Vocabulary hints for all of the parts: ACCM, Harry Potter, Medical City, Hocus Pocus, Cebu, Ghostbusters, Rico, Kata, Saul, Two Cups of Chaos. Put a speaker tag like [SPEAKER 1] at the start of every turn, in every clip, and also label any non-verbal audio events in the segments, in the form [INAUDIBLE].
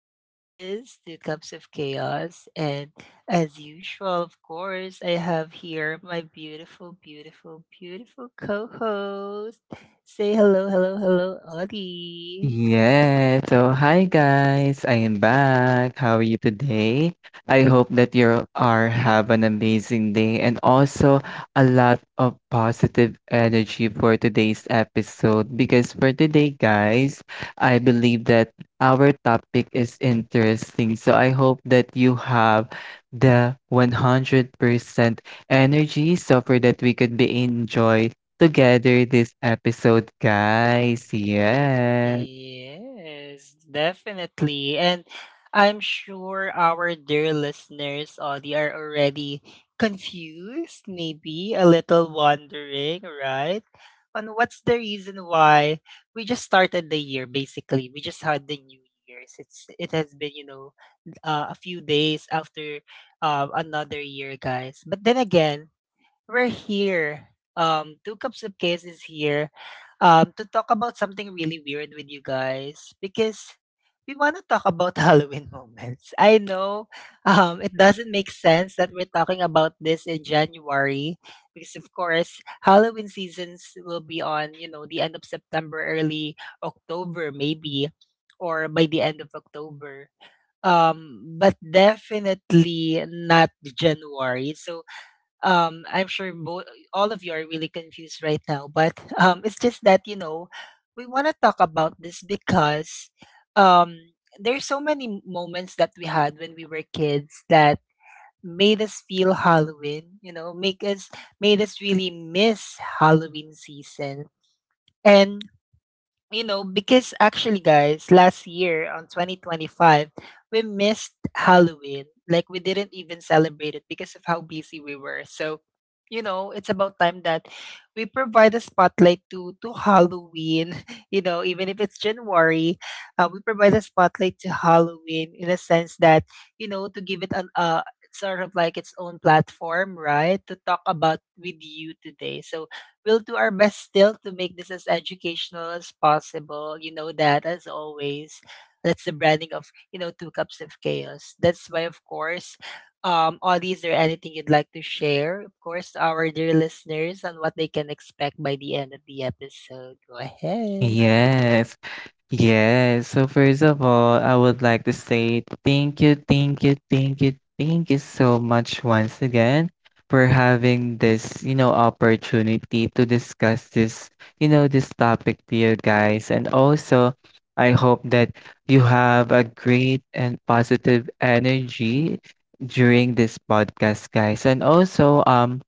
[SPEAKER 1] this is Two Cups of Chaos. And as usual, of course, I have here my beautiful, beautiful, beautiful co host. Say hello, hello, hello, Audie.
[SPEAKER 2] Yeah, so hi guys, I am back. How are you today? I hope that you are have an amazing day and also a lot of positive energy for today's episode because for today guys, I believe that our topic is interesting. So I hope that you have the 100% energy so for that we could be enjoyed together this episode guys. Yeah.
[SPEAKER 1] Yes, definitely. And I'm sure our dear listeners, Audie, are already confused, maybe a little wondering, right? On what's the reason why we just started the year, basically. We just had the New Year's. It has been, a few days after another year, guys. But then again, we're here. Two cups of case is here. To talk about something really weird with you guys because we want to talk about [LAUGHS] Halloween moments. I know, it doesn't make sense that we're talking about this in January because, of course, Halloween seasons will be on, you know, the end of September, early October, maybe, or by the end of October. But definitely not January. So I'm sure all of you are really confused right now but [LAUGHS] it's just that you know we want to talk about this because um there's so many moments that we had when we were kids that made us feel Halloween, you know, make us made us really miss Halloween season. And you know, because actually, guys, last year on 2025, we missed Halloween. Like, we didn't even celebrate it because of how busy we were. So, you know, it's about time that we provide a spotlight to Halloween. [LAUGHS] You know, even if it's January, we provide a spotlight to Halloween in a sense that you know to give it an sort of like its own platform, right? To talk about with you today. So we'll do our best still to make this as educational as possible. You know that, as always. That's the branding of, you know, Two Cups of Chaos. That's why, of course, Audie, is there anything you'd like to share, of course, to our dear listeners on what they can expect by the end of the episode? Go ahead.
[SPEAKER 2] Yes, yes. So first of all, I would like to say thank you so much once again for having this, you know, opportunity to discuss this topic to you guys. And also, I hope that you have a great and positive energy during this podcast, guys. And also,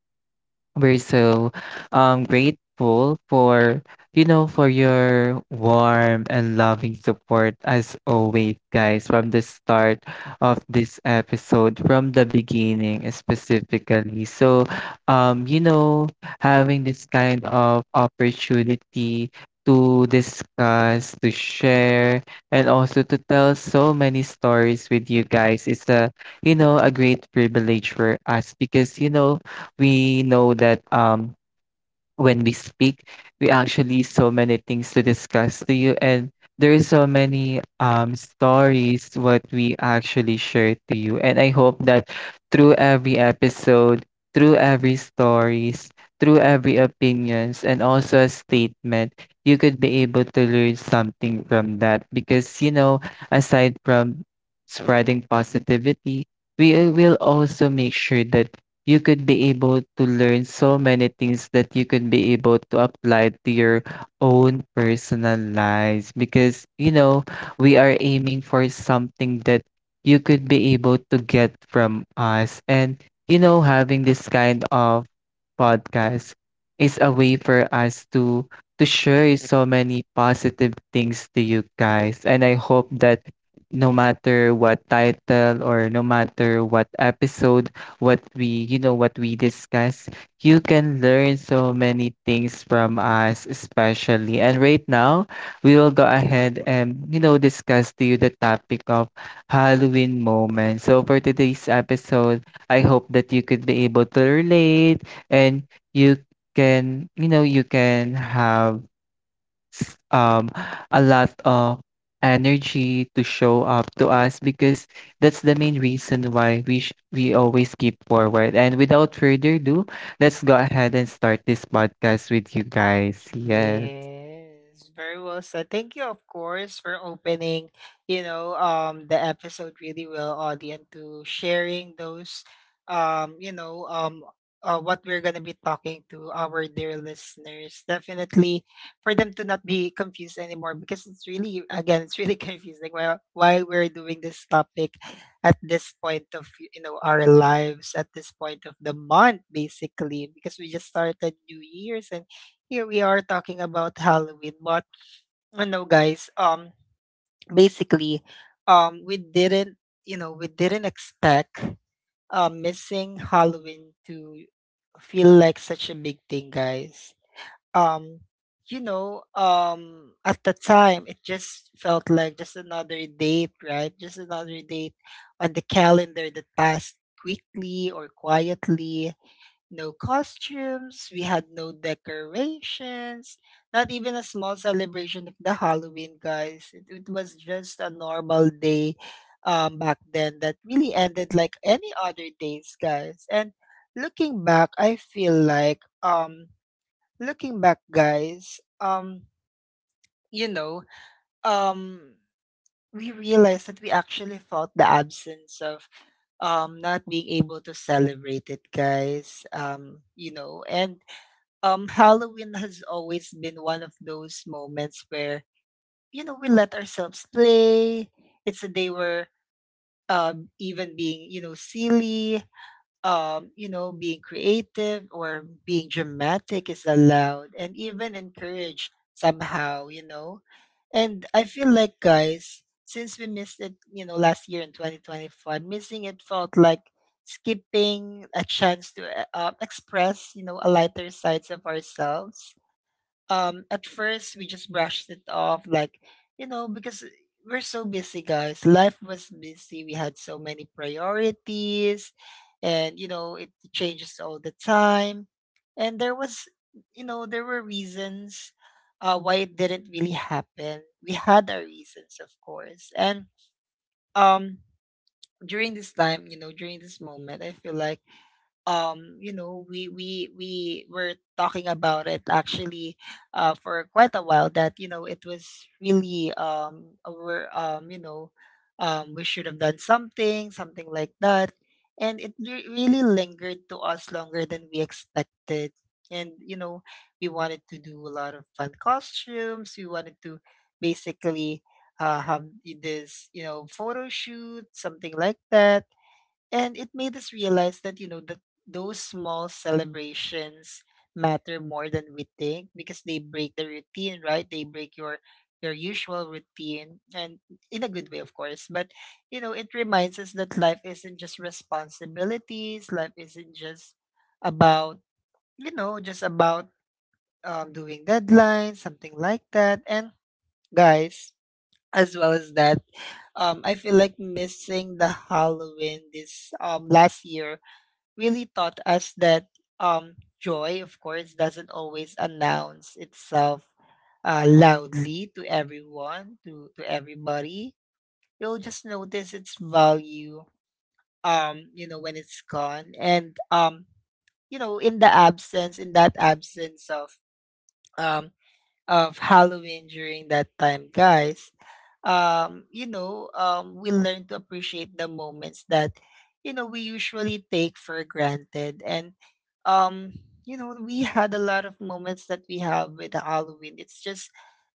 [SPEAKER 2] we're so grateful for for your warm and loving support as always, guys, from the start of this episode, from the beginning specifically. So you know having this kind of opportunity to discuss, to share, and also to tell so many stories with you guys. Is a a great privilege for us because you know we know that when we speak we actually so many things to discuss to you and there's so many stories what we actually share to you and I hope that through every episode through every stories through every opinions and also a statement you could be able to learn something from that because you know aside from spreading positivity we will also make sure that you could be able to learn so many things that you could be able to apply to your own personal lives because you know we are aiming for something that you could be able to get from us and you know having this kind of podcast is a way for us to share so many positive things to you guys and I hope that no matter what title or no matter what episode what we what we discuss you can learn so many things from us especially and right now we will go ahead and you know discuss to you the topic of Halloween moment. So for today's episode I hope that you could be able to relate and you can you can have s- um a lot of energy to show up to us because that's the main reason why we always keep forward. And without further ado, let's go ahead and start this podcast with you guys. Yes.
[SPEAKER 1] Yes, very well said. Thank you, of course, for opening, you know, the episode really well, audience, to sharing those, um, you know, um, what we're gonna be talking to our dear listeners. Definitely, for them to not be confused anymore, because it's really, again, it's really [LAUGHS] confusing. Why we're doing this topic at this point of, you know, our lives at this point of the month, basically, because we just started New Year's and here we are talking about Halloween. But I know, guys. Basically, we didn't, you know, we didn't expect missing Halloween to feel like such a big thing, guys. Um, you know, at the time, it just felt like just another date, right? Just another date on the calendar that passed quickly or quietly. No costumes, we had no decorations, not even a small celebration of the Halloween, guys. It was just a normal day back then that really ended like any other days, guys. And looking back, I feel like, looking back, guys, you know, um, we realized that we actually felt the absence of not being able to celebrate it, guys. And Halloween has always been one of those moments where you know we let ourselves play. It's a day where even being, you know, silly, you know, being creative or being dramatic is allowed and even encouraged somehow, you know. And I feel like, guys, since we missed it, you know, last year in 2025, missing it felt like skipping a chance to express you know a lighter sides of ourselves. At first we just brushed it off like you know because we're so busy, guys. Life was busy, we had so many priorities, and you know it changes all the time. And there was, you know, there were reasons why it didn't really happen. We had our reasons of course. And um during this time, you know, during this moment, I feel like you know we were talking about it actually for quite a while, that you know it was really over. We should have done something, something like that, and it really lingered to us longer than we expected. And you know, we wanted to do a lot of fun costumes. We wanted to basically have this, you know, photo shoot, something like that. And it made us realize that, you know, that those small celebrations matter more than we think, because they break the routine, right? They break your usual routine, and in a good way of course. But you know it reminds us that life isn't just responsibilities, life isn't just about, you know, just about doing deadlines, something like that. And guys, as well as that, I feel like missing the Halloween this last year really taught us that joy, of course, doesn't always announce itself loudly to everyone, to everybody. You'll just notice its value, you know, when it's gone. And, you know, in the absence, in that absence um, of Halloween during that time, guys, we learn to appreciate the moments that, you know, we usually take for granted. And, um, you know, we [LAUGHS] had a lot of moments that we have with Halloween. It's just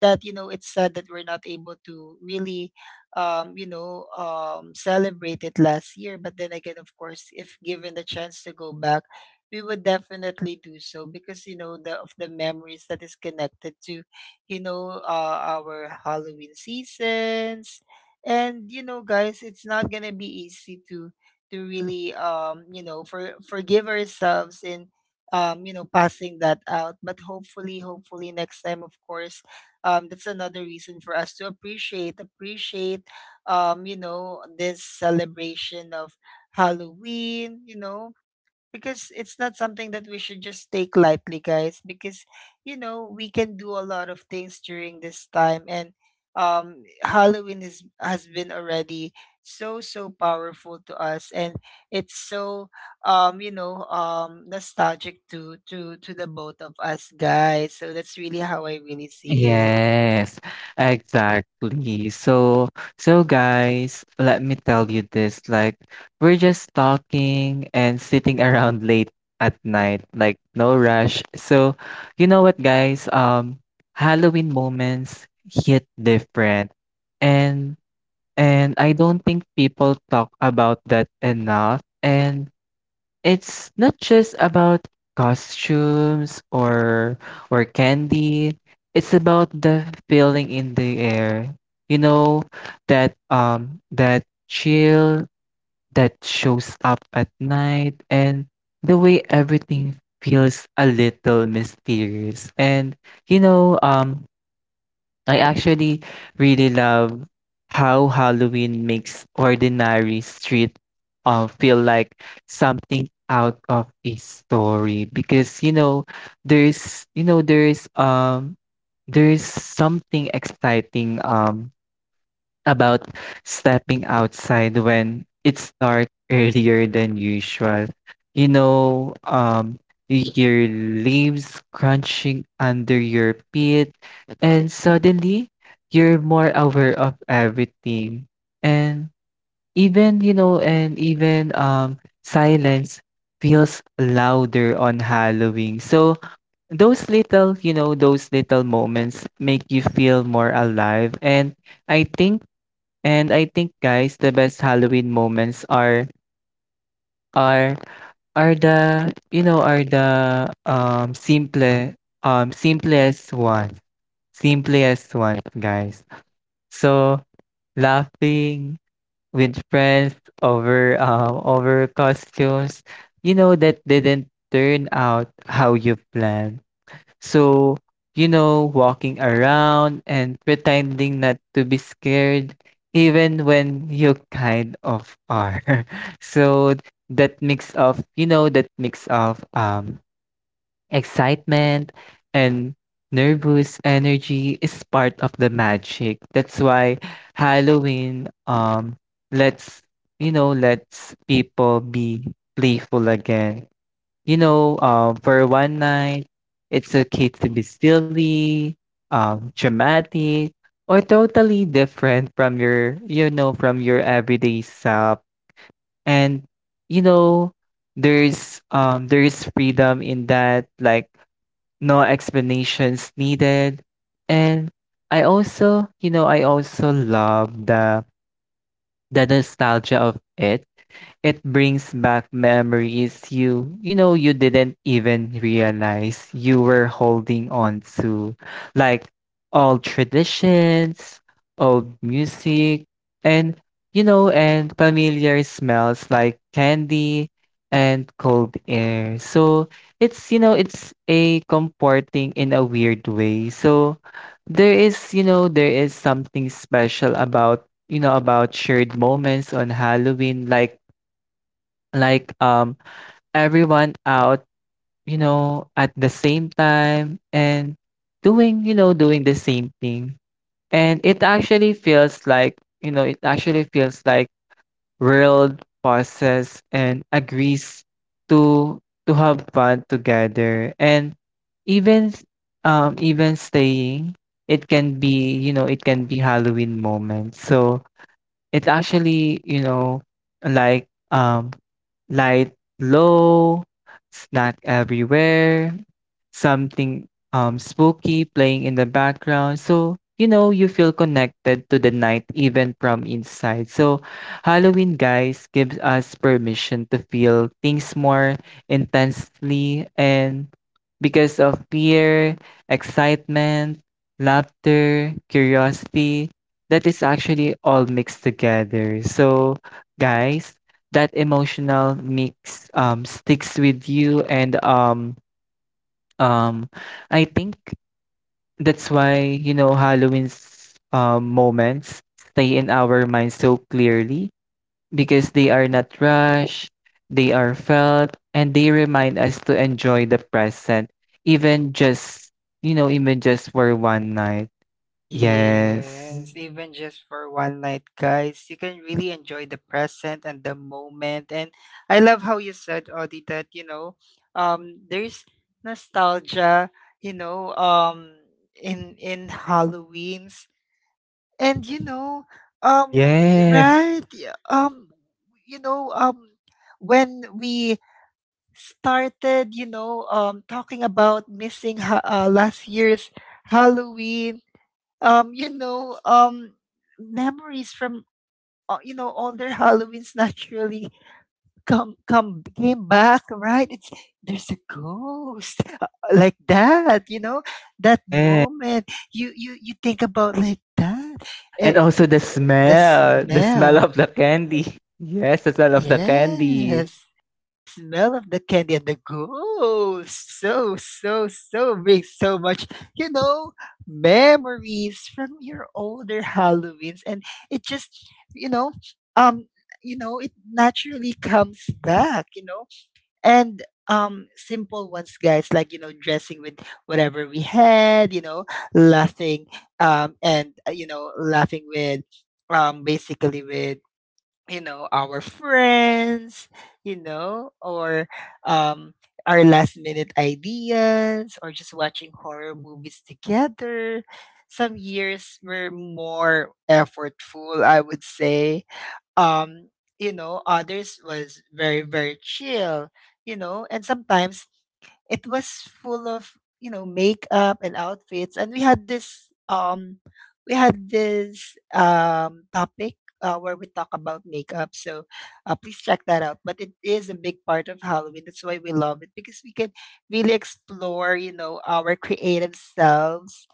[SPEAKER 1] that, you know, it's sad that we're not able to really, celebrate it last year. But then again, of course, if given the chance to go back, we would definitely do so, because you know the of the memories that is connected to you know our Halloween seasons. And you know, guys, it's not gonna be easy to really you know forgive ourselves in you know passing that out. But hopefully, hopefully next time of course. That's another reason for us to appreciate you know this celebration of Halloween, you know, because it's not something that we should just take lightly, guys, because you know we can do a lot of things during this time. And Halloween is has been already so so powerful to us, and it's so nostalgic to to the both of us, guys. So that's really how I really see it.
[SPEAKER 2] Yes, exactly. So guys, let me tell you this. Like, we're just talking and sitting [LAUGHS] around late at night, like no rush. So, you know what, guys? Halloween moments hit different, and and I don't think people talk about that enough. And it's not just about costumes or candy. It's about the feeling in the air. You know, that chill that shows up at night and the way everything feels a little mysterious. And you know, I actually really love how Halloween makes ordinary street feel like something out of a story because you know there's something exciting about stepping outside when it's dark earlier than usual. You know, you hear leaves crunching under your feet, and suddenly you're more aware of everything. And and even silence feels louder on Halloween. So those little moments make you feel more alive. I think and I think guys, the best Halloween moments are are the you know are the simple simplest ones. Simplest ones, guys. So laughing with friends over costumes, you know that didn't turn out how you planned. So, you know, walking around and pretending not to be scared, even when you kind of are. [LAUGHS] So that mix of, excitement and nervous energy is part of the magic. That's why Halloween lets, lets people be playful again you know, for one night, it's okay to be silly, dramatic, or totally different from from your everyday self. And you know, there's freedom in that, like no explanations needed. And I also love the nostalgia of it. It brings back memories you know you didn't even realize you were holding on to, like old traditions, old music, and you know, and familiar smells like candy and cold air. So it's you know it's a comforting in a weird way. So there is something special about about shared moments on Halloween like everyone out you know at the same time and doing you know doing the same thing and it actually feels like world pauses and agrees to to have fun together and even s- even staying it can be Halloween moment, so it actually, you know, like um light low, it's not everywhere, something spooky playing in the background. So, you know, you feel connected to the night even from inside. So, Halloween guys gives us permission to feel things more intensely and because of fear, excitement, laughter, curiosity, that is actually all mixed together. So, guys, that emotional mix sticks with you and um I think that's why, you know, Halloween's moments stay in our minds so clearly because they are not rushed, they are felt, and they remind us to enjoy the present, even just, even just for one night. Yes.
[SPEAKER 1] Yes, even just for one night, guys, you can really enjoy the present and the moment. And I love how you said, Audie, that you know, there's nostalgia, you know, in Halloween's, and you know,
[SPEAKER 2] Yes.
[SPEAKER 1] right, yeah, you know, when we started, you know, talking about missing last year's Halloween, um, you know, um, memories from you know older Halloweens naturally come came back, right? It's there's a ghost like that, you know, that
[SPEAKER 2] Yes.
[SPEAKER 1] moment you think about like that, eh,
[SPEAKER 2] And also
[SPEAKER 1] eh, the
[SPEAKER 2] the smell
[SPEAKER 1] smell.
[SPEAKER 2] of the candy. [LAUGHS] Yes, the smell of the candy.
[SPEAKER 1] Yes. The smell of the candy and the ghost. So, brings so much, you know, memories from your older Halloweens. And it just, you know, um, it naturally comes back, you know. And simple ones, guys, like, you know, dressing with whatever we had, you know, laughing, and you know, laughing with basically with you know our friends, you know, or um our last minute ideas, or just watching horror movies together. Some years were more effortful, I would say. um you know, others was very, very chill, you know. And sometimes it was full of, you know, makeup and outfits. And we had this topic where we talk about makeup, so please check that out. But it is a big part of Halloween, that's why we love it, because we can really explore you know our creative selves.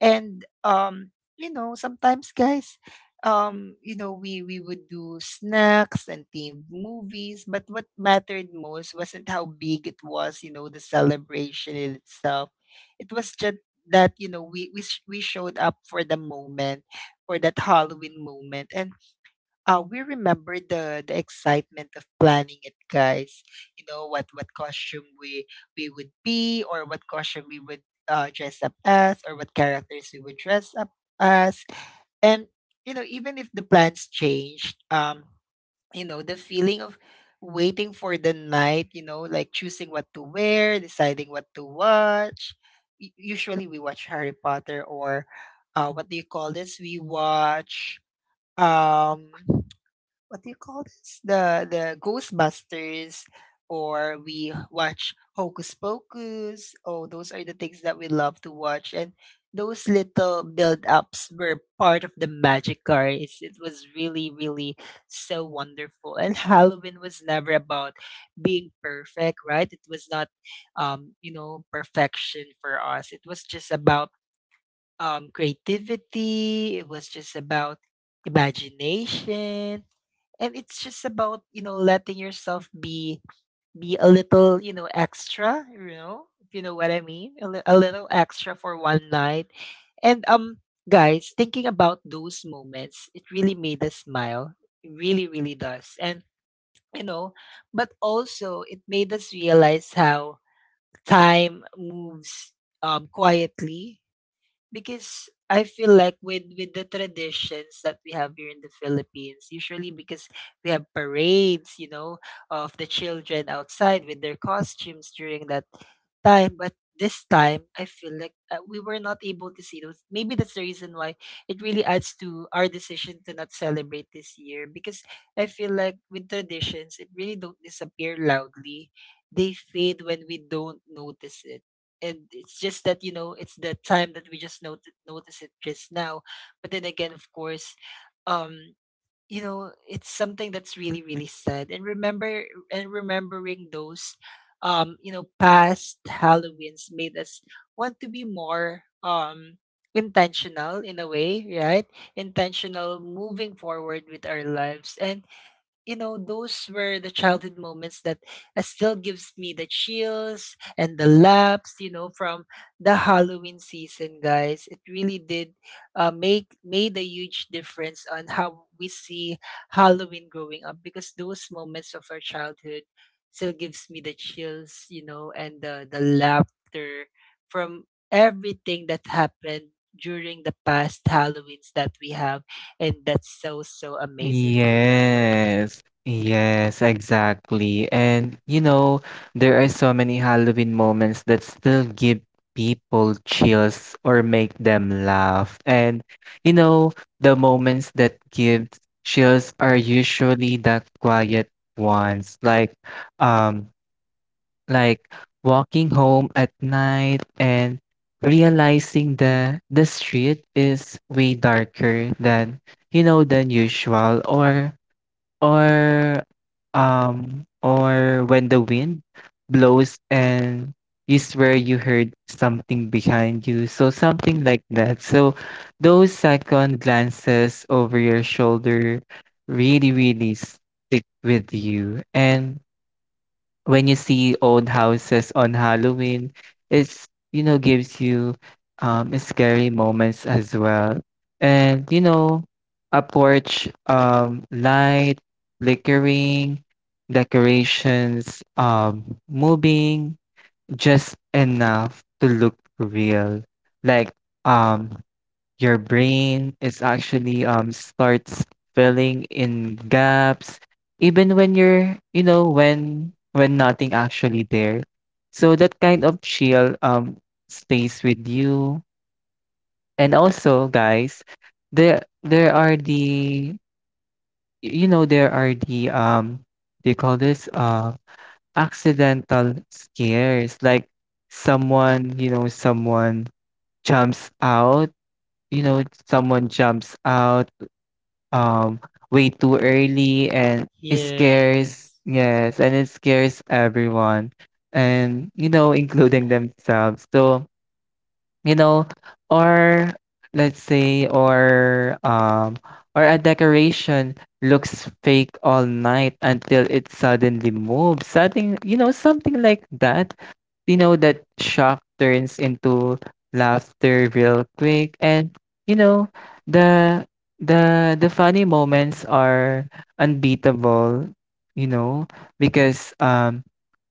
[SPEAKER 1] And you know, sometimes guys, you know, we would do snacks and themed movies, but what mattered most wasn't how big it was, you know, the celebration in itself. It was just that you know we showed up for the moment, for that Halloween moment. And we remember the excitement of planning it, guys. You know what costume we would be, or what costume we would dress up as, or what characters we would dress up as. And you know, even if the plans changed, you know the feeling of waiting for the night, you know, like choosing what to wear, deciding what to watch. Usually we watch Harry Potter, or what do you call this? We watch um what do you call this? The Ghostbusters, or we watch Hocus Pocus. Oh, those are the things that we love to watch, and those little build ups were part of the magic car. It was really so wonderful. And [LAUGHS] Halloween was never about being perfect, right? It was not, you know, perfection for us. It was just about creativity. It was just about imagination, and it's just about, you know, letting yourself be a little, you know, extra, you know, if you know what I mean, a little extra for one night. And guys, thinking about those moments, it really made us smile. It really does. And you know, but also it made us realize how time moves quietly, because I feel like with the traditions that we have here in the Philippines, usually because we have parades, you know, of the children outside with their costumes during that time. But this time, I feel like we were not able to see those. Maybe that's the reason why it really adds to our decision to not celebrate this year. Because I feel like with traditions, it really don't disappear loudly. They fade when we don't notice it, and it's just that, you know, it's the time that we just notice it just now. But then again, of course, um you know, it's something that's really sad. And remember and remembering those you know, past halloweens, made us want to be more intentional in a way, right? Intentional moving forward with our lives. And you know, those were the childhood moments that still gives me the chills and the laps, you know, from the Halloween season, guys. It really did make made a huge difference on how we see Halloween growing up, because those moments of our childhood still gives me the chills, you know, and the laughter from everything that happened during the past Halloweens that we have. And that's so amazing to remember.
[SPEAKER 2] Yes. Yes, exactly. And you know, there are so many Halloween moments that still give people chills or make them laugh. And you know, the moments that give chills are usually the quiet ones, um like walking home at night and realizing the street is way darker than than usual or or when the wind blows and you swear you heard something behind you so something like that. So those second glances over your shoulder really really stick with you and when you see old houses on Halloween, it's you know gives you scary moments as well. And you know, a porch light flickering, decorations moving just enough to look real. Like um your brain is actually starts filling in gaps even when you're you know when nothing actually there, so that kind of chill stays with you. And also guys there there are the you know there are the they call this accidental scares, like someone jumps out you know someone jumps out um way too early and it scares,
[SPEAKER 1] Yes.
[SPEAKER 2] yes, and it scares everyone and you know including themselves. So you know, or let's say or a decoration looks fake all night until it suddenly moves, something like that. You know that shock turns into laughter real quick. And you know the the funny moments are unbeatable, you know, because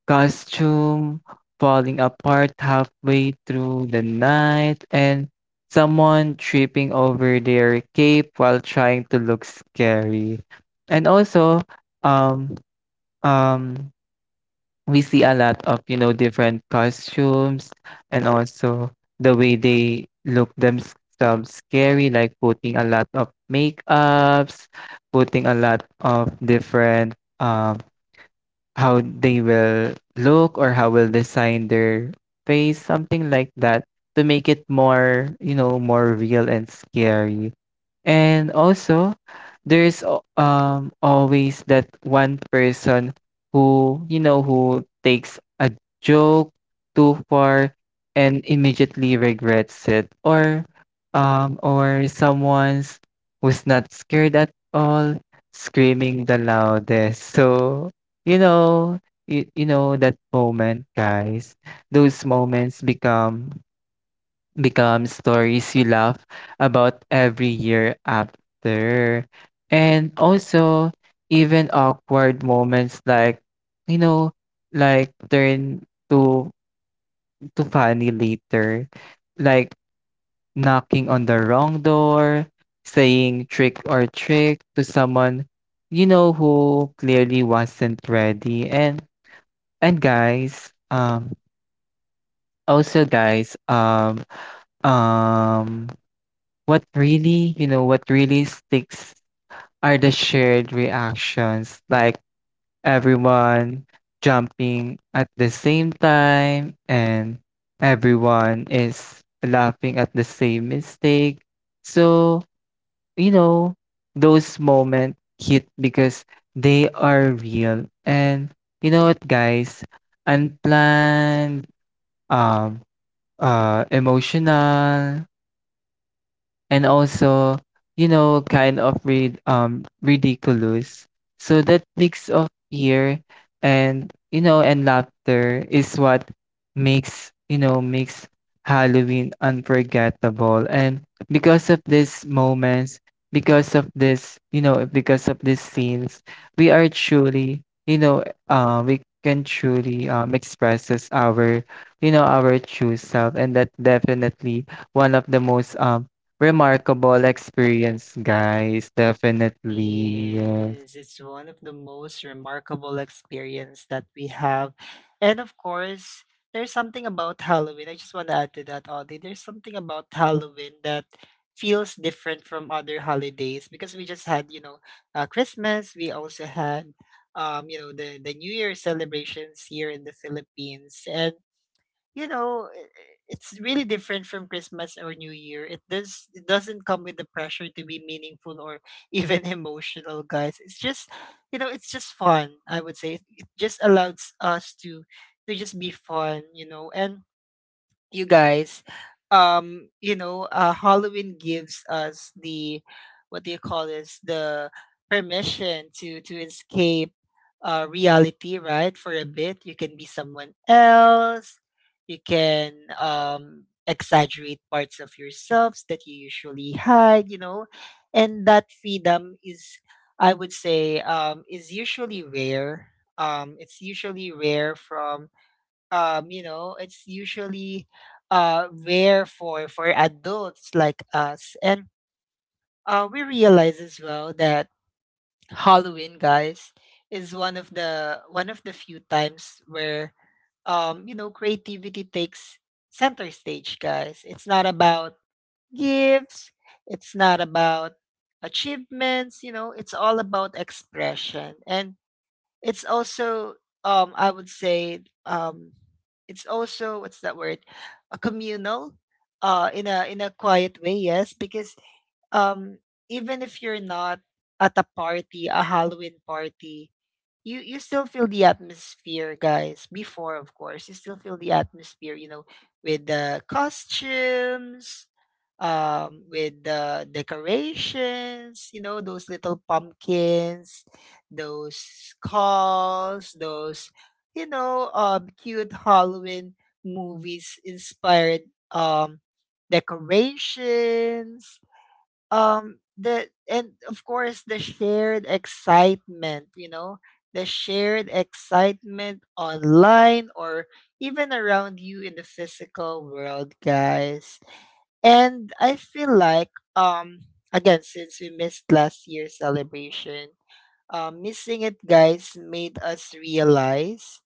[SPEAKER 2] costume falling apart halfway through the night, and someone tripping over their cape while trying to look scary. And also, um, um, we see a lot of, you know, different costumes and also the way they look themselves scary, like putting a lot of makeups, putting a lot of different how they will look or how will design their face, something like that, to make it more, you know, more real and scary. And also, always that one person who, you know, who takes a joke too far and immediately regrets it, or someone's who's not scared at all screaming the loudest. So, you know, you know that moment, guys. Those moments become stories you laugh about every year after. And also, even awkward moments you know, like turn to to funny later, like knocking on the wrong door, saying trick or trick to someone you know who clearly wasn't ready. And also guys, um what really, you know, what really sticks are the shared reactions, like everyone jumping at the same time and everyone is laughing at the same mistake. So, you know, those moments hit because they are real. And you know what, guys? Unplanned, um, emotional, and also, you know, kind of ridiculous. So that mix of fear and laughter is what makes you know makes Halloween unforgettable. And because of these moments, because of this, you know, because of these scenes, we are truly, you know, we can truly expresses our, you know, our true self, and that definitely one of the most remarkable experience, guys. Definitely. Yes.
[SPEAKER 1] Yes. It's one of the most remarkable experience that we have. And of course, there's something about Halloween. I just want to add to that, Audie. There's something about Halloween that feels different from other holidays, because we just had, you know, Christmas. We also had, you know, the New Year celebrations here in the Philippines. And you know, it's really different from Christmas or New Year. It doesn't come with the pressure to be meaningful or even [LAUGHS] emotional, guys. It's just, you know, it's just fun, I would say. It just allows us to just be fun, you know. And you guys, you know, Halloween gives us the what do you call this? The permission to escape reality, right? For a bit, you can be someone else. You can exaggerate parts of yourselves that you usually hide, you know, and that freedom is, I would say, is usually rare. It's usually rare from you know, it's usually rare for adults like us. And we realize as well that Halloween, guys, is one of the few times where you know, creativity takes center stage, guys. It's not about gifts, it's not about achievements, you know, it's all about expression. And it's also I would say, it's also what's that word? A communal in a quiet way, yes, because um even if you're not at a party, a Halloween party, you still feel the atmosphere, guys. Before, of course, you still feel the atmosphere, you know, with the costumes, with the decorations, you know, those little pumpkins, those skulls, those, you know, cute Halloween movies inspired um decorations, the and of course the shared excitement, you know, the shared excitement online or even around you in the physical world, guys. And I feel like, again, since we missed last year's celebration, missing it, guys, made us realize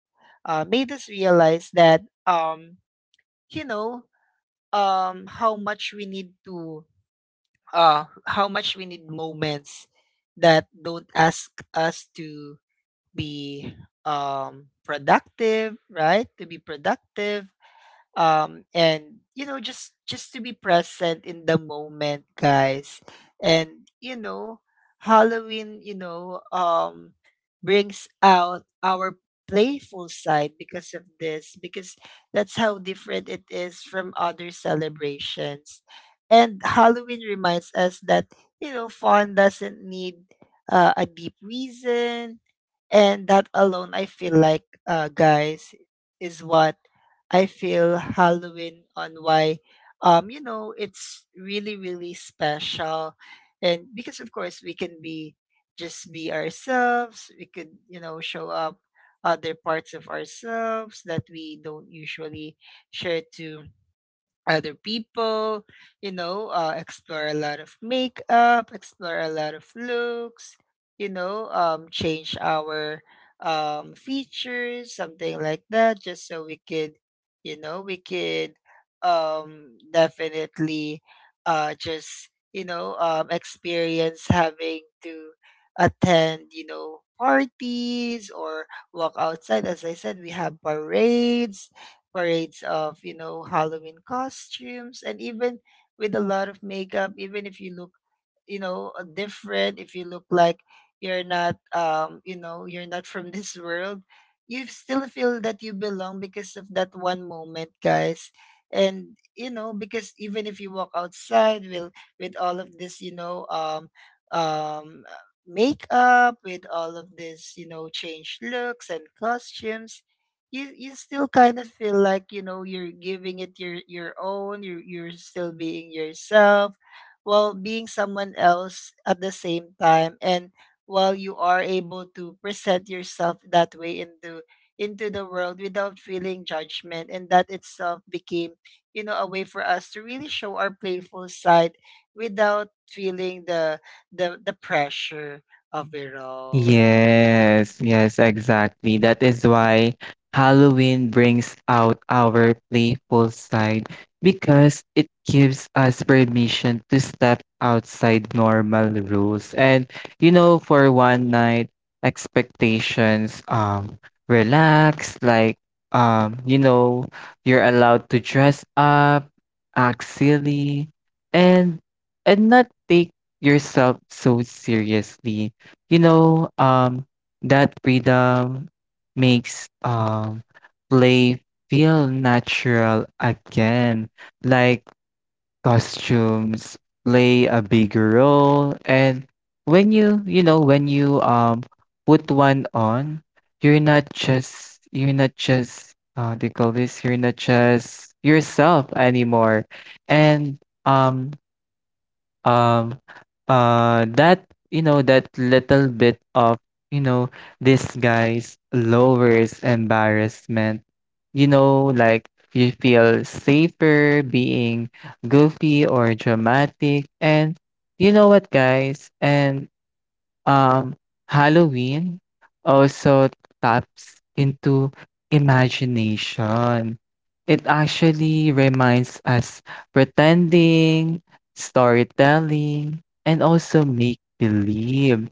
[SPEAKER 1] that you know, how much we need to how much we need moments that don't ask us to be productive, right? To be productive. And you know, just to be present in the moment, guys. And you know, Halloween, you know, brings out our playful side because of this, because that's how different it is from other celebrations. And Halloween reminds us that, you know, fun doesn't need a deep reason. And that alone, I feel like, guys, is what I feel Halloween on, why you know, it's really special. And because, of course, we can be just be ourselves. We could, you know, show up other parts of ourselves that we don't usually share to other people, you know, explore a lot of makeup, explore a lot of looks, you know, change our features, something like that, just so we could, you know, we could, definitely just, you know, experience having to attend, you know, parties or walk outside. As I said, we have parades, of, you know, Halloween costumes, and even with a lot of makeup, even if you look, you know, different, if you look like you're not, you know, you're not from [LAUGHS] this world, you still feel that you belong because of that one moment, guys. And you know, because even if you walk outside with all of this, you know, um makeup, with all of this, you know, changed looks and costumes, you still kind of feel like, you know, you're giving it your own. You you're still being yourself while being someone else at the same time. And while you are able to present yourself that way into the world without feeling judgment, and that itself became, you know, a way for us to really show our playful side without feeling the the pressure of it all.
[SPEAKER 2] Yes, exactly. That is why Halloween brings out our playful side because it gives us permission to step outside normal rules. And you know, for one night, expectations relax, like um, you know, you're allowed to dress up, act silly, and and not take yourself so seriously you know, um, that freedom makes play feel natural again. Like costumes play a big role, and when you know, when you put one on, you're not just they call this you're not just yourself anymore, and um um that you know that little bit of you know this guy's lowers embarrassment, you know, like you feel safer being goofy or dramatic, and you know what, guys? And um, Halloween also taps into imagination. It actually reminds us pretending, storytelling, and also make believe.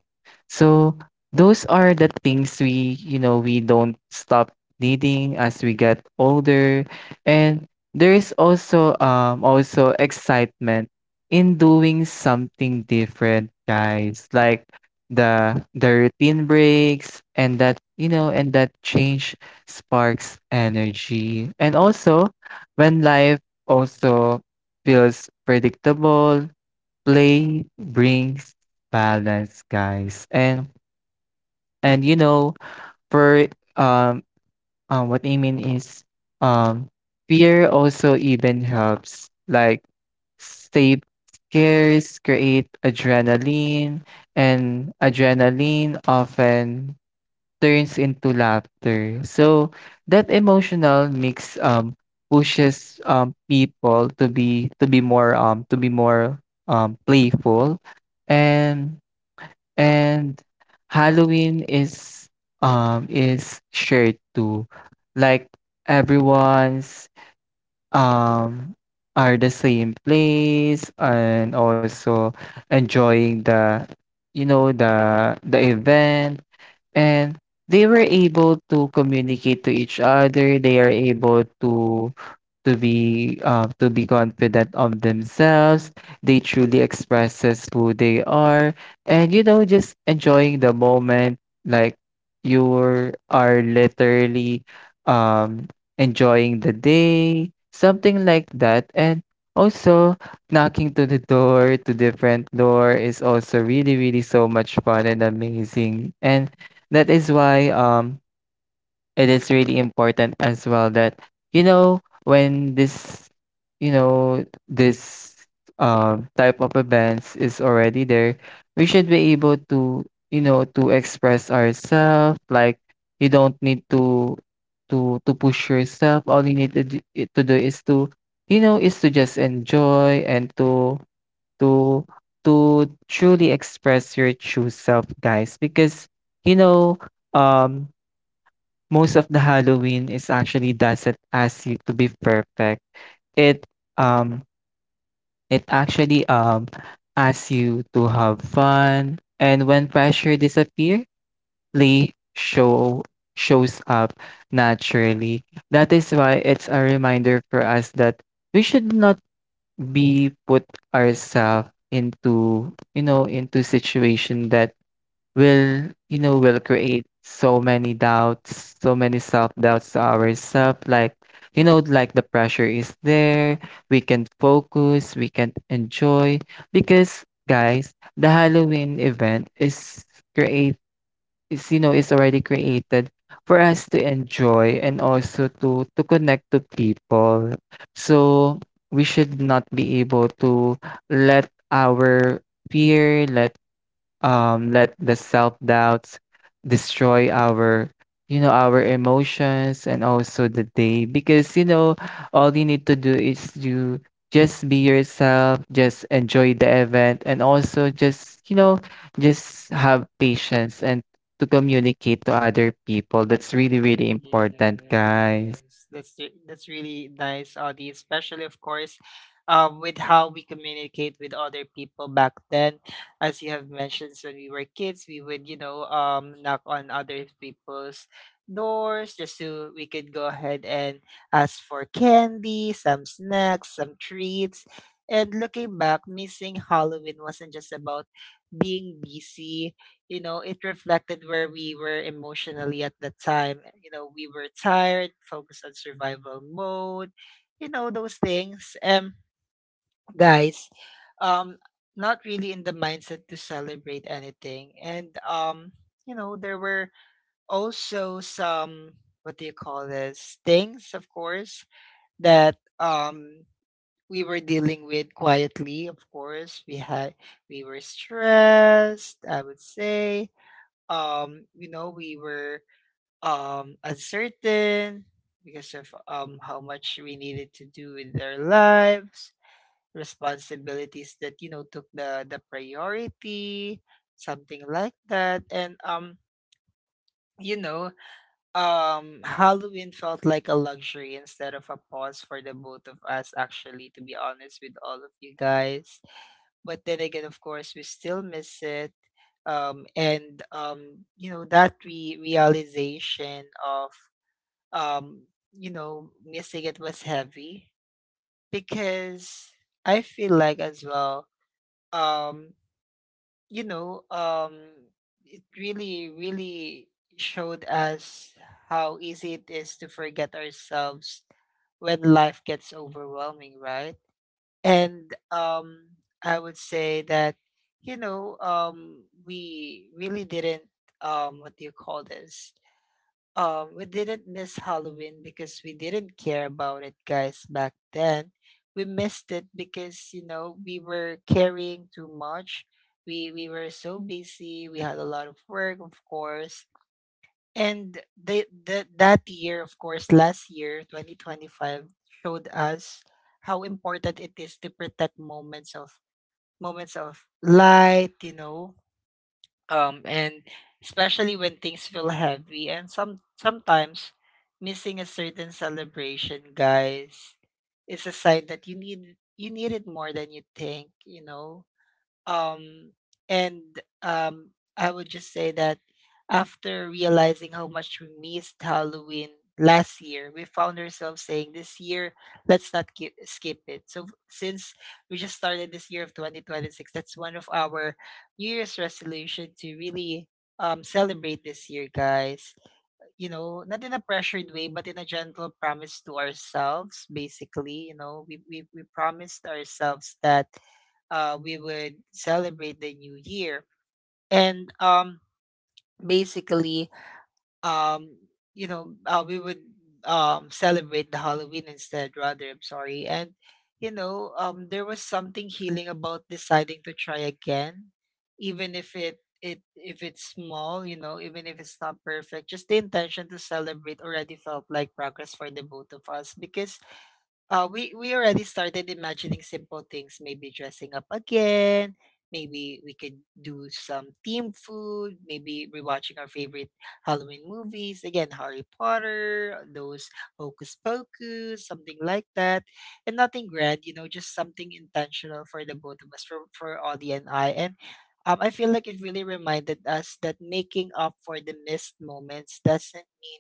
[SPEAKER 2] So those are the things we, you know, we don't stop needing as we get older. And there is also also excitement in doing something different, guys. Like the routine breaks, and that you know and that change sparks energy, and also when life also feels predictable, play brings balance, guys. And you know for um what I mean is, um, fear also even helps, like stay scares create adrenaline, and adrenaline often turns into laughter. So that emotional mix pushes people to be more playful. And And Halloween is shared too. Like everyone's um are the same place and also enjoying the you know the event, and they were able to communicate to each other. They are able to to be confident of themselves. They truly expresses who they are, and you know, just enjoying the moment. Like you are literally um, enjoying the day, something like that, and also knocking to the door to different door is also really really so much fun and amazing, and that is why it is really important as well that you know when this you know this type of events is already there, we should be able to you know to express ourselves, like you don't need to to push yourself. All you need to do is to you know is to just enjoy and to to truly express your true self, guys, because you know um most of the Halloween is actually doesn't ask you to be perfect. It um it actually asks you to have fun, and when pressure disappear, play show shows up naturally. That is why it's a reminder for us that we should not be put ourselves into you know into situation that will you know will create so many doubts, so many self-doubts to ourselves, like you know like the pressure is there, we can't focus, we can't enjoy, because guys the halloween event is create is you know is already created for us to enjoy and also to connect to people. So we should not be able to let our fear let let the self doubts destroy our you know our emotions and also the day, because you know all you need to do is to just be yourself, just enjoy the event, and also just you know just have patience and to communicate to other people. That's really really important, guys.
[SPEAKER 1] Yes, that's really nice, Audie. Especially, of course, with how we communicate with other people back then. As you have mentioned, when we were kids, we would, you know, knock on other people's doors just so we could go ahead and ask for candy, some snacks, some treats. And looking back, missing Halloween wasn't just about being busy. You know, it reflected where we were emotionally at the time. You know, we were tired, focused on survival mode, you know, those things. Guys, um, not really in the mindset to celebrate anything. And, you know, there were also some, what do you call this, things, of course, that, we were dealing with quietly. Of course, we had, we were stressed, I would say, you know, we were uncertain because of how much we needed to do with our lives, responsibilities that, you know, took the priority, something like that. And you know, Halloween felt like a luxury instead of a pause for the both of us, actually, to be honest with all of you guys. But then again, of course, we still miss it. And you know, that realization of um you know, missing it was heavy, because I feel like as well, um you know, it really showed us how easy it is to forget ourselves when life gets overwhelming, right? And I would say that, you know, we really didn't what do you call this, we didn't miss Halloween because we didn't care about it, guys, back then. We missed it because, you know, we were carrying too much. We were so busy, we had a lot of work, of course. And that year, of course, last year, 2025, showed us how important it is to protect moments of light, you know, and especially when things feel heavy. And sometimes missing a certain celebration, guys, is a sign that you need, it more than you think, you know. um and um I would just say that, after realizing how much we missed Halloween last year, we found ourselves saying, this year, let's not ki- skip it. So since we just started this year of 2026, that's one of our new year's resolution to really celebrate this year, guys, you know, not in a pressured way, but in a gentle promise to ourselves. Basically, you know, we promised ourselves that we would celebrate the new year. And basically, um, you know, we would, celebrate the Halloween instead, rather. I'm sorry. There was something healing about deciding to try again, even if it it if it's small, you know, even if it's not perfect. Just the intention to celebrate already felt like progress for the both of us because we already started imagining simple things. Maybe dressing up again, maybe we could do some team food, maybe rewatching our favorite Halloween movies, again Harry Potter, those Hocus Pocus, something like that, and nothing grand, you know, just something intentional for the both of us, for Audie and. I feel like it really reminded us that making up for the missed moments doesn't mean,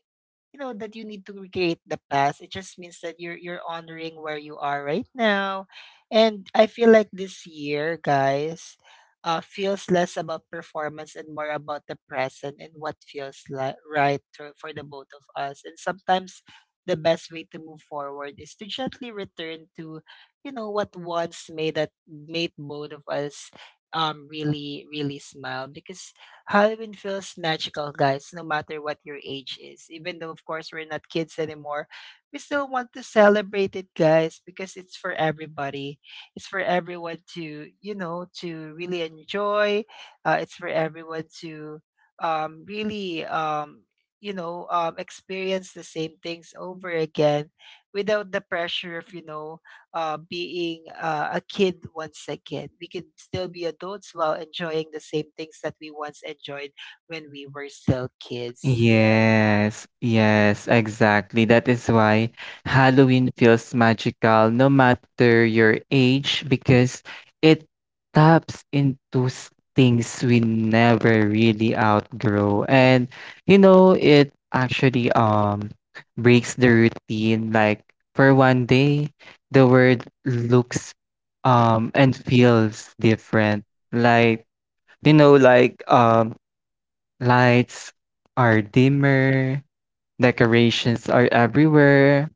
[SPEAKER 1] you know, that you need to recreate the past. It just means that you're honoring where you are right now. And I feel like this year, guys, feels less about performance and more about the present and what feels like right to, for the both of us. And sometimes the best way to move forward is to gently return to, you know, what once made both of us really really smile, because Halloween feels magical, guys, no matter what your age is. Even though, of course, we're not kids anymore, we still want to celebrate it, guys, because it's for everybody. It's for everyone to, you know, to really enjoy. It's for everyone to really, experience the same things over again without the pressure of, being a kid once again. We can still be adults while enjoying the same things that we once enjoyed when we were still kids. Yeah.
[SPEAKER 2] Yes, yes, exactly. That is why Halloween feels magical no matter your age, because it taps into things we never really outgrow. And you know, it actually breaks the routine. Like for one day, the world looks and feels different. Like you know, like um lights are dimmer, decorations are everywhere,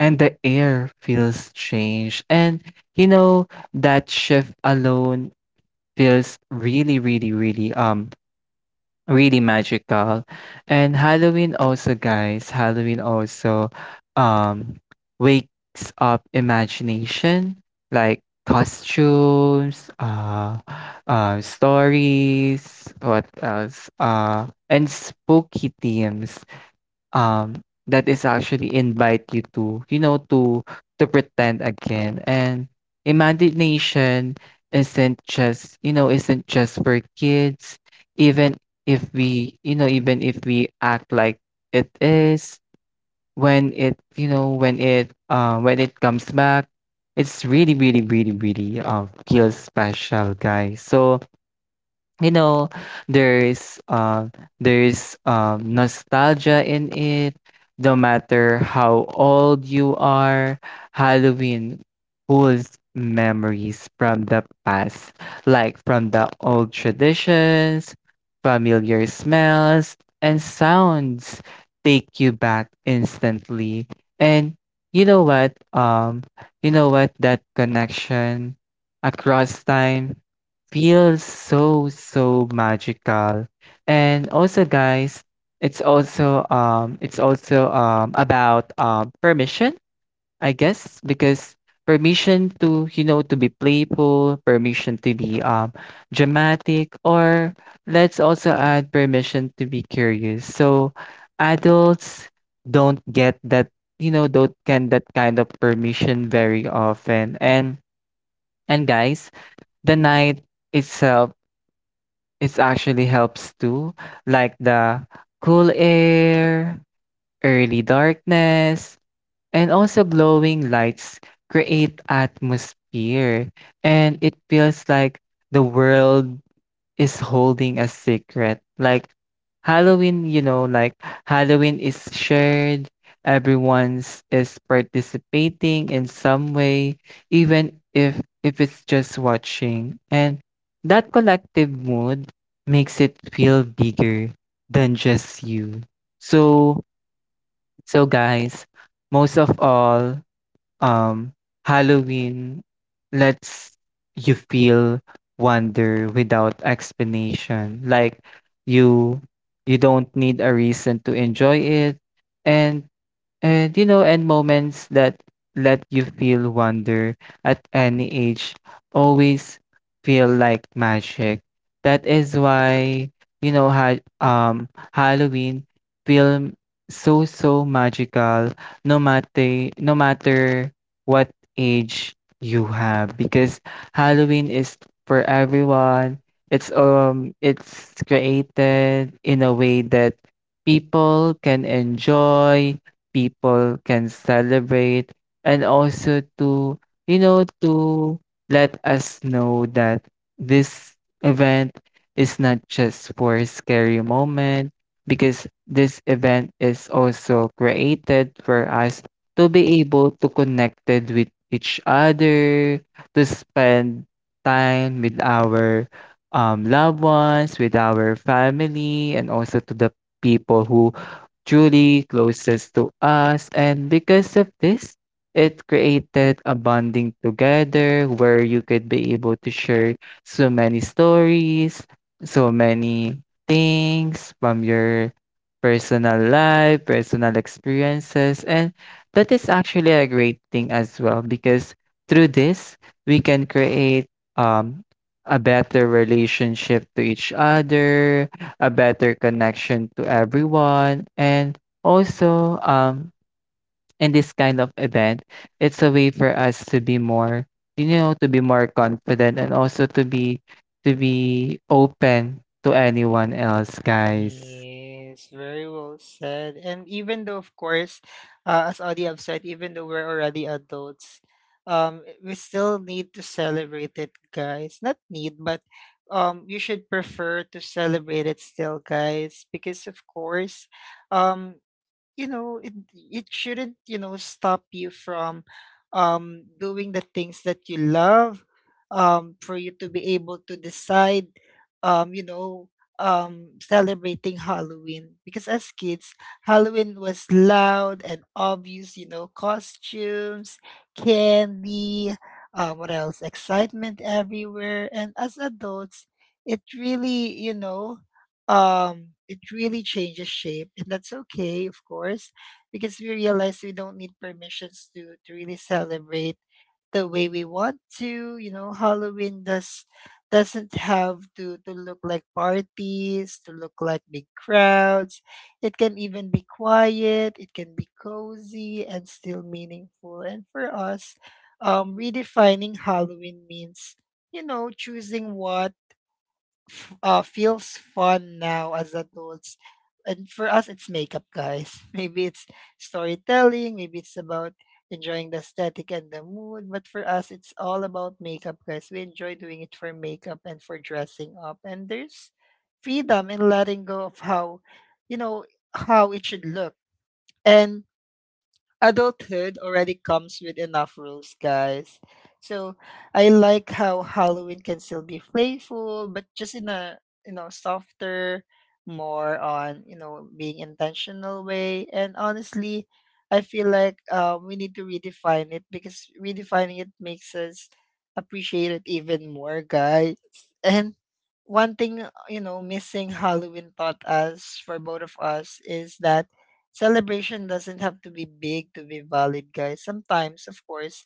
[SPEAKER 2] and the air feels strange. And you know, that shift alone feels really, really, really really magical. And Halloween also, guys, Halloween also um wakes up imagination, like costumes, stories, what else? And spooky themes. Um, that is actually invite you to, you know, to pretend again. And imagination isn't just, you know, isn't just for kids. Even if we, you know, even if we act like it is, when it, you know, when it comes back, it's really, really, really, really, feels special, guys. So, you know, there's um there's nostalgia in it. No matter how old you are, Halloween pulls memories from the past, like from the old traditions, familiar smells and sounds take you back instantly. And you know what um you know what, that connection across time feels so so magical. And also, guys, it's also about permission, I guess, because permission to you know to be playful, permission to be dramatic, or let's also add permission to be curious. So adults don't get that you know don't get that kind of permission very often. And guys, the night itself, it actually helps too, like the cool air, early darkness, and also glowing lights create atmosphere, and it feels like the world is holding a secret. Like Halloween, you know, like Halloween is shared, everyone's is participating in some way, even if it's just watching. And that collective mood makes it feel bigger than just you. So so guys, most of all, um, Halloween lets you feel wonder without explanation. Like you you don't need a reason to enjoy it. And and you know, and moments that let you feel wonder at any age always feel like magic. That is why, you know, ha Halloween feel so so magical no matter no matter what age you have, because Halloween is for everyone. It's created in a way that people can enjoy, people can celebrate, and also to you know to let us know that this event is not just for a scary moment, because this event is also created for us to be able to connected with each other, to spend time with our loved ones, with our family, and also to the people who truly closest to us. And because of this, it created a bonding together where you could be able to share so many stories, so many things from your personal life, personal experiences. And that is actually a great thing as well, because through this, we can create um, a better relationship to each other, a better connection to everyone. And also, in this kind of event, it's a way for us to be more, you know, to be more confident, and also to be open to anyone else, guys.
[SPEAKER 1] Yes, very well said. And even though, of course, as Audie have said, even though we're already adults, we still need to celebrate it, guys. Not need, but you should prefer to celebrate it still, guys, because of course, um, it shouldn't, you know, stop you from doing the things that you love, for you to be able to decide, um you know celebrating Halloween. Because as kids, Halloween was loud and obvious, you know, costumes, candy, what else, excitement everywhere. And as adults, it really, you know, it really changes shape, and that's okay, of course, because we realize we don't need permissions to really celebrate the way we want to. You know, Halloween doesn't have to look like parties, to look like big crowds. It can even be quiet, it can be cozy and still meaningful. And for us, redefining Halloween means, you know, choosing what feels fun now as adults. And for us, it's makeup, guys. [LAUGHS] Maybe it's storytelling, maybe it's about enjoying the aesthetic and the mood. But for us, it's all about makeup, guys. We enjoy doing it for makeup and for dressing up. And there's freedom in letting go of how, you know, how it should look. And adulthood already comes with enough rules, guys. So I like how Halloween can still be playful, but just in a, you know, softer, more on, you know, being intentional way. And honestly, I feel like we need to redefine it, because redefining it makes us appreciate it even more, guys. And one thing, you know, missing Halloween taught us for both of us is that celebration doesn't have to be big to be valid, guys. Sometimes, of course,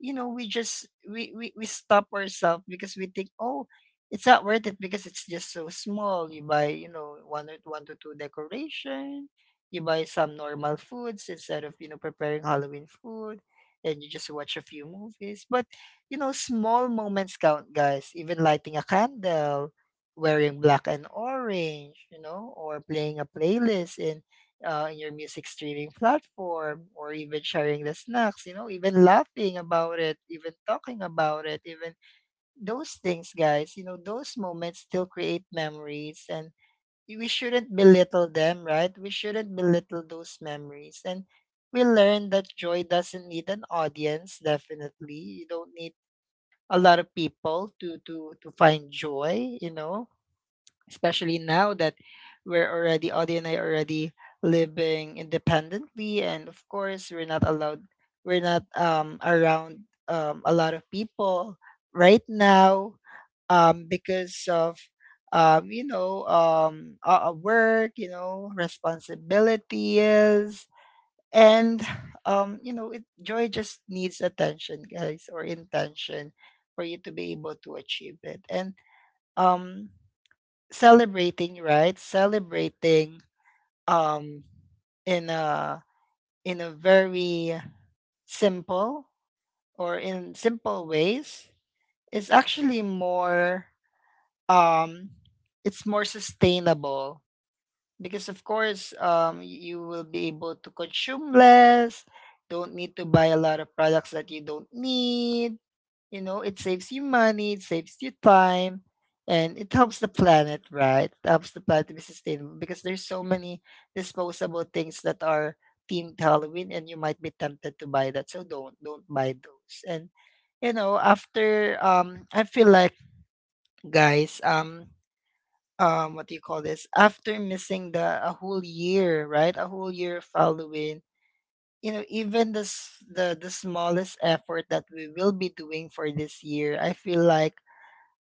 [SPEAKER 1] you know, we stop ourselves because we think, oh, it's not worth it because it's just so small. You buy, you know, one or one to two decoration, you buy some normal foods instead of, you know, preparing Halloween food, and you just watch a few movies. But you know, small moments count, guys. Even lighting a candle, wearing black and orange, you know, or playing a playlist in, in your music streaming platform, or even sharing the snacks, you know, even laughing about it, even talking about it, even those things, guys, you know, those moments still create memories, and we shouldn't belittle them, right? We shouldn't belittle those memories. And we learn that joy doesn't need an audience, definitely. You don't need a lot of people to find joy, you know, especially now that we're already Audie and I already living independently, and of course we're not allowed, we're not around a lot of people right now, because of work, you know, responsibilities. And you know, it joy just needs attention, guys, or intention for you to be able to achieve it. And um celebrating, right? Celebrating um in a very simple or in simple ways is actually more um it's more sustainable, because of course, you will be able to consume less, don't need to buy a lot of products that you don't need. You know, it saves you money, it saves you time, and it helps the planet, right? It helps the planet to be sustainable because there's so many disposable things that are themed Halloween and you might be tempted to buy that. So don't buy those. And you know, after, I feel like, guys, what do you call this? After missing the a whole year, right? A whole year of Halloween, you know, even the s- the smallest effort that we will be doing for this year, I feel like,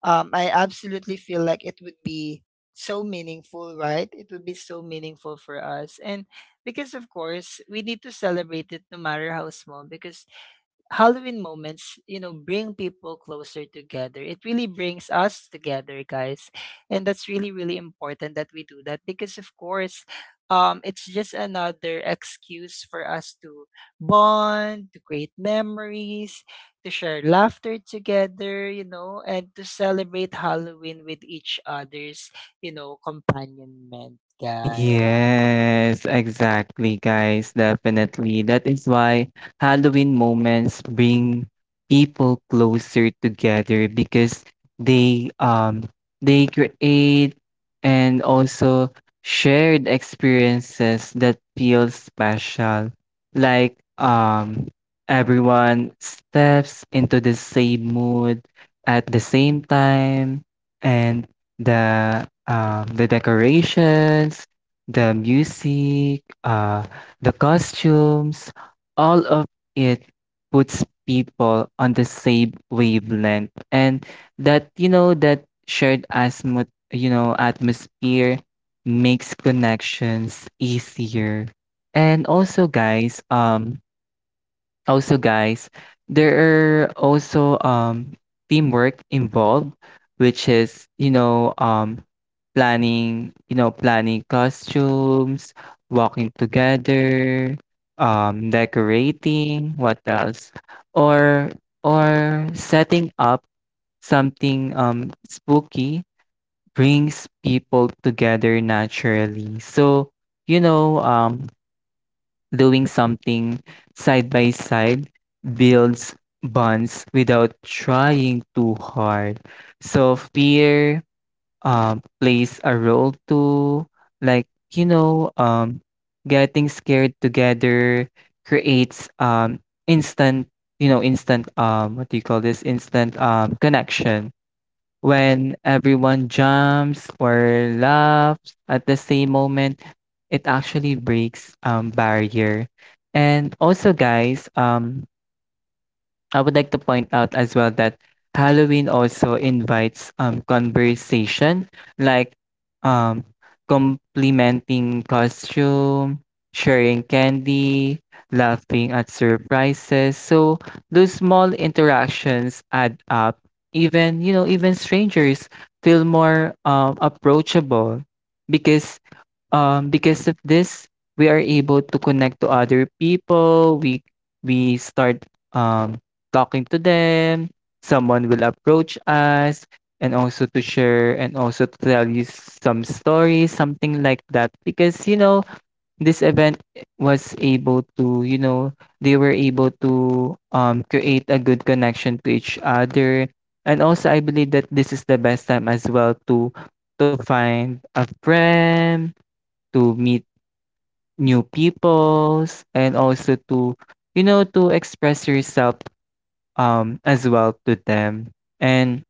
[SPEAKER 1] I absolutely feel like it would be so meaningful, right? It would be so meaningful for us. And because, of course, we need to celebrate it no matter how small, because Halloween moments, you know, bring people closer together. It really brings us together, guys. And that's really, really important that we do that because, of course, it's just another excuse for us to bond, to create memories, to share laughter together, you know, and to celebrate Halloween with each other's, you know, companionment, guys.
[SPEAKER 2] Yes, exactly, guys. Definitely. That is why Halloween moments bring people closer together, because they um they create and also shared experiences that feel special. Like everyone steps into the same mood at the same time, and the decorations, the music, the costumes, all of it puts people on the same wavelength. And that, you know, that shared you know, atmosphere makes connections easier. And also, guys, also, guys, there are also teamwork involved, which is, you know, planning, you know, planning costumes, walking together, decorating, what else? Or or setting up something spooky brings people together naturally. So, you know, doing something side by side builds bonds without trying too hard. So fear plays a role too. Like, you know, getting scared together creates instant, you know, instant, what do you call this? Instant connection. When everyone jumps or laughs at the same moment, it actually breaks barrier. And also guys, I would like to point out as well that Halloween also invites conversation, like um complimenting costume, sharing candy, laughing at surprises. So those small interactions add up. Even you know, even strangers feel more approachable, because because of this, we are able to connect to other people. We start um, talking to them. Someone will approach us and also to share and also to tell you some stories, something like that. Because you know, this event was able to, you know, they were able to create a good connection to each other. And also, I believe that this is the best time as well to find a friend, to meet new peoples, and also to, you know, to express yourself as well to them. And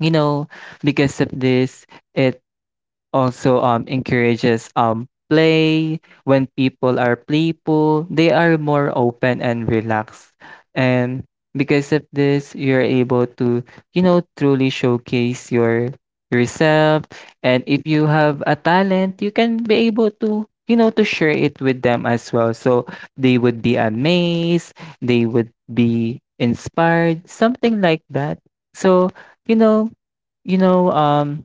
[SPEAKER 2] you know, because of this, it also encourages play. When people are playful, they are more open and relaxed. And because of this, you're able to, you know, truly showcase your yourself. And if you have a talent, you can be able to, you know, to share it with them as well. So they would be amazed, they would be inspired, something like that. So, you know, you know,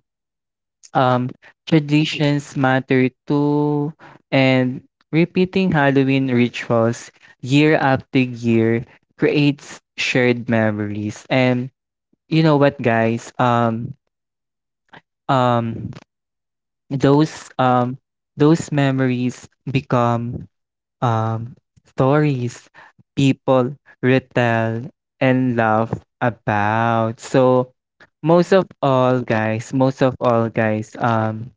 [SPEAKER 2] um, traditions matter too, and repeating Halloween rituals year after year creates shared memories. And you know what, guys? Um, those um, those memories become um, stories people retell and laugh about. So, most of all, guys, most of all, guys,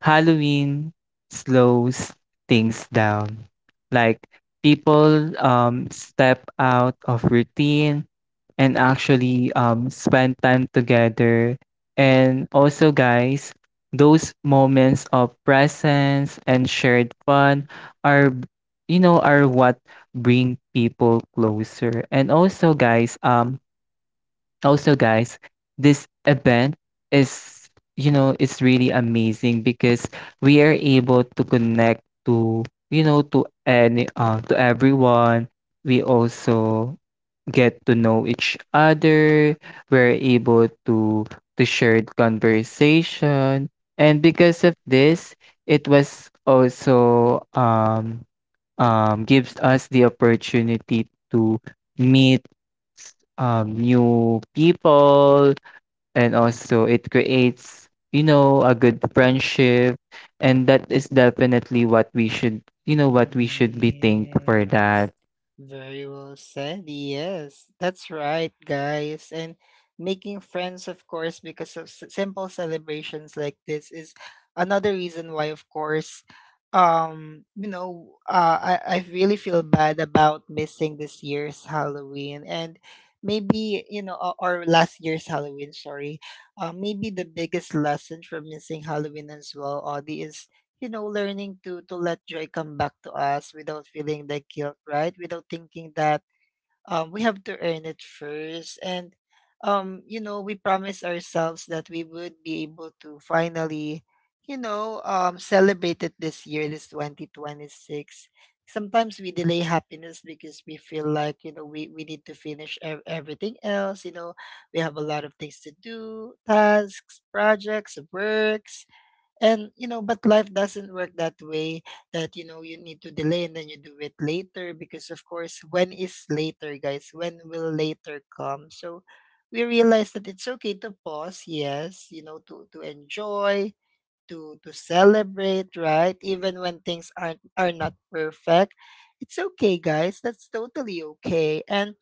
[SPEAKER 2] Halloween slows things down. Like, people step out of routine and actually spend time together. And also, guys, those moments of presence and shared fun are you know are what bring people closer. And also guys this event is you know is really amazing because we are able to connect to you know to any to everyone. We also get to know each other, we're able to share conversation, and because of this, it was also gives us the opportunity to meet new people, and also it creates you know a good friendship, and that is definitely what we should you know what we should be thankful for that.
[SPEAKER 1] Yes. Very well said. Yes. That's right, guys. And making friends, of course, because of simple celebrations like this is another reason why, of course, I really feel bad about missing this year's Halloween. And maybe, you know, or last year's Halloween, sorry. Maybe the biggest lesson from missing Halloween as well, Audie, is, you know, learning to let joy come back to us without feeling the guilt, right? Without thinking that we have to earn it first. And you know, we promise ourselves that we would be able to finally, celebrate it this year, this 2026. Sometimes we delay happiness because we feel like, you know, we need to finish everything else. You know, we have a lot of things to do, tasks, projects, works, and you know, but life doesn't work that way, that, you know, you need to delay and then you do it later. Because of course, when is later, guys? When will later come? So we realize that it's okay to pause, yes, you know, to enjoy, to celebrate, right? Even when things are not perfect. It's okay, guys. That's totally okay. And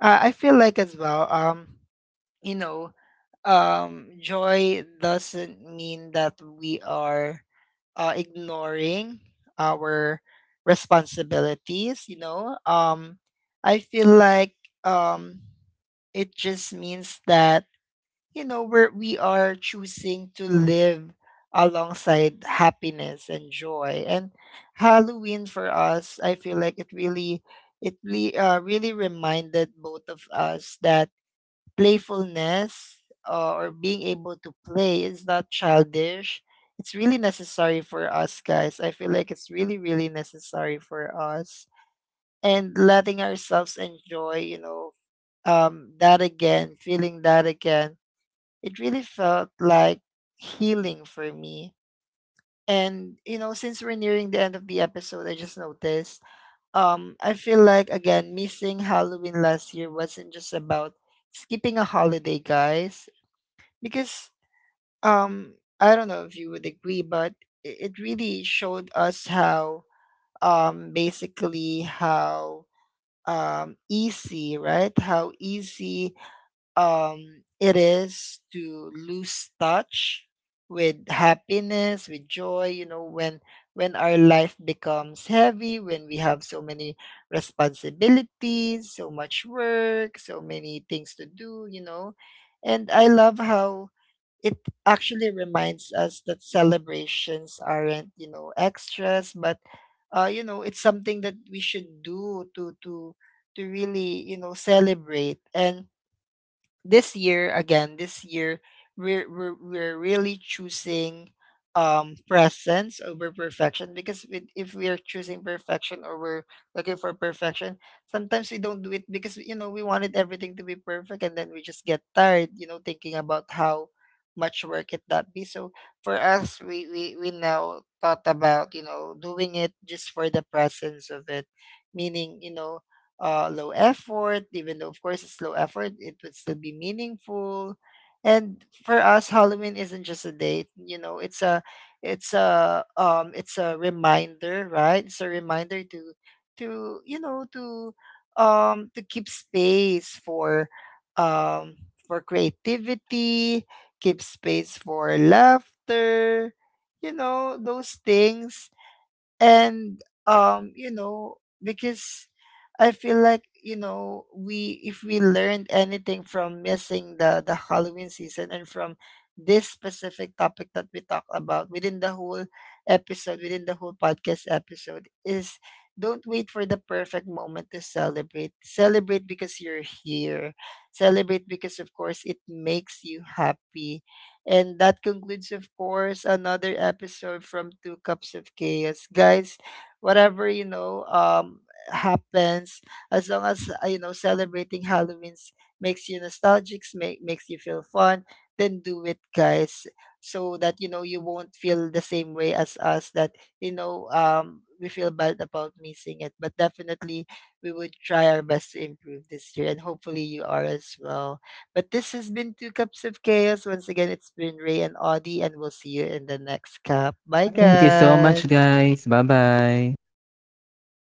[SPEAKER 1] I feel like as well, you know, joy doesn't mean that we are ignoring our responsibilities, you know. I feel like um it just means that, you know, we are choosing to live alongside happiness and joy. And Halloween for us, I feel like it really really reminded both of us that playfulness, or being able to play, is not childish. It's really necessary for us, guys. I feel like it's really, really necessary for us. And letting ourselves enjoy, you know, that again, feeling that again, it really felt like healing for me. And, you know, since we're nearing the end of the episode, I just noticed, I feel like, again, missing Halloween last year wasn't just about skipping a holiday, guys, because um I don't know if you would agree, but it really showed us how, basically how easy, right, how easy it is to lose touch with happiness, with joy, you know, when our life becomes heavy, when we have so many responsibilities, so much work, so many things to do, you know. And I love how it actually reminds us that celebrations aren't, you know, extras, but you know, it's something that we should do to really, you know, celebrate. And this year, we're really choosing presence over perfection. Because if we are choosing perfection, or we're looking for perfection, sometimes we don't do it because, you know, we wanted everything to be perfect, and then we just get tired, you know, thinking about how much work it that be. So for us, we now thought about, you know, doing it just for the presence of it, meaning, you know, low effort. Even though, of course, it's low effort, it would still be meaningful. And for us, Halloween isn't just a date. You know, it's a reminder, right? It's a reminder to, you know, to keep space um, for creativity, keep space for laughter. You know, those things. And um you know because I feel like, you know, we, if we learned anything from missing the Halloween season, and from this specific topic that we talked about within the whole episode, within the whole podcast episode, is don't wait for the perfect moment to celebrate. Celebrate because you're here, celebrate because of course it makes you happy. And that concludes, of course, another episode from Two Cups of Chaos. Guys, whatever, you know, happens, as long as, you know, celebrating Halloween makes you nostalgic, makes you feel fun, then do it, guys, so that, you know, you won't feel the same way as us, that, you know, we feel bad about missing it. But definitely, we would try our best to improve this year, and hopefully, you are as well. But this has been Two Cups of Chaos. Once again, it's been Ray and Audie, and we'll see you in the next cup. Bye,
[SPEAKER 2] Thank you so much,
[SPEAKER 1] guys.
[SPEAKER 2] guys, bye bye.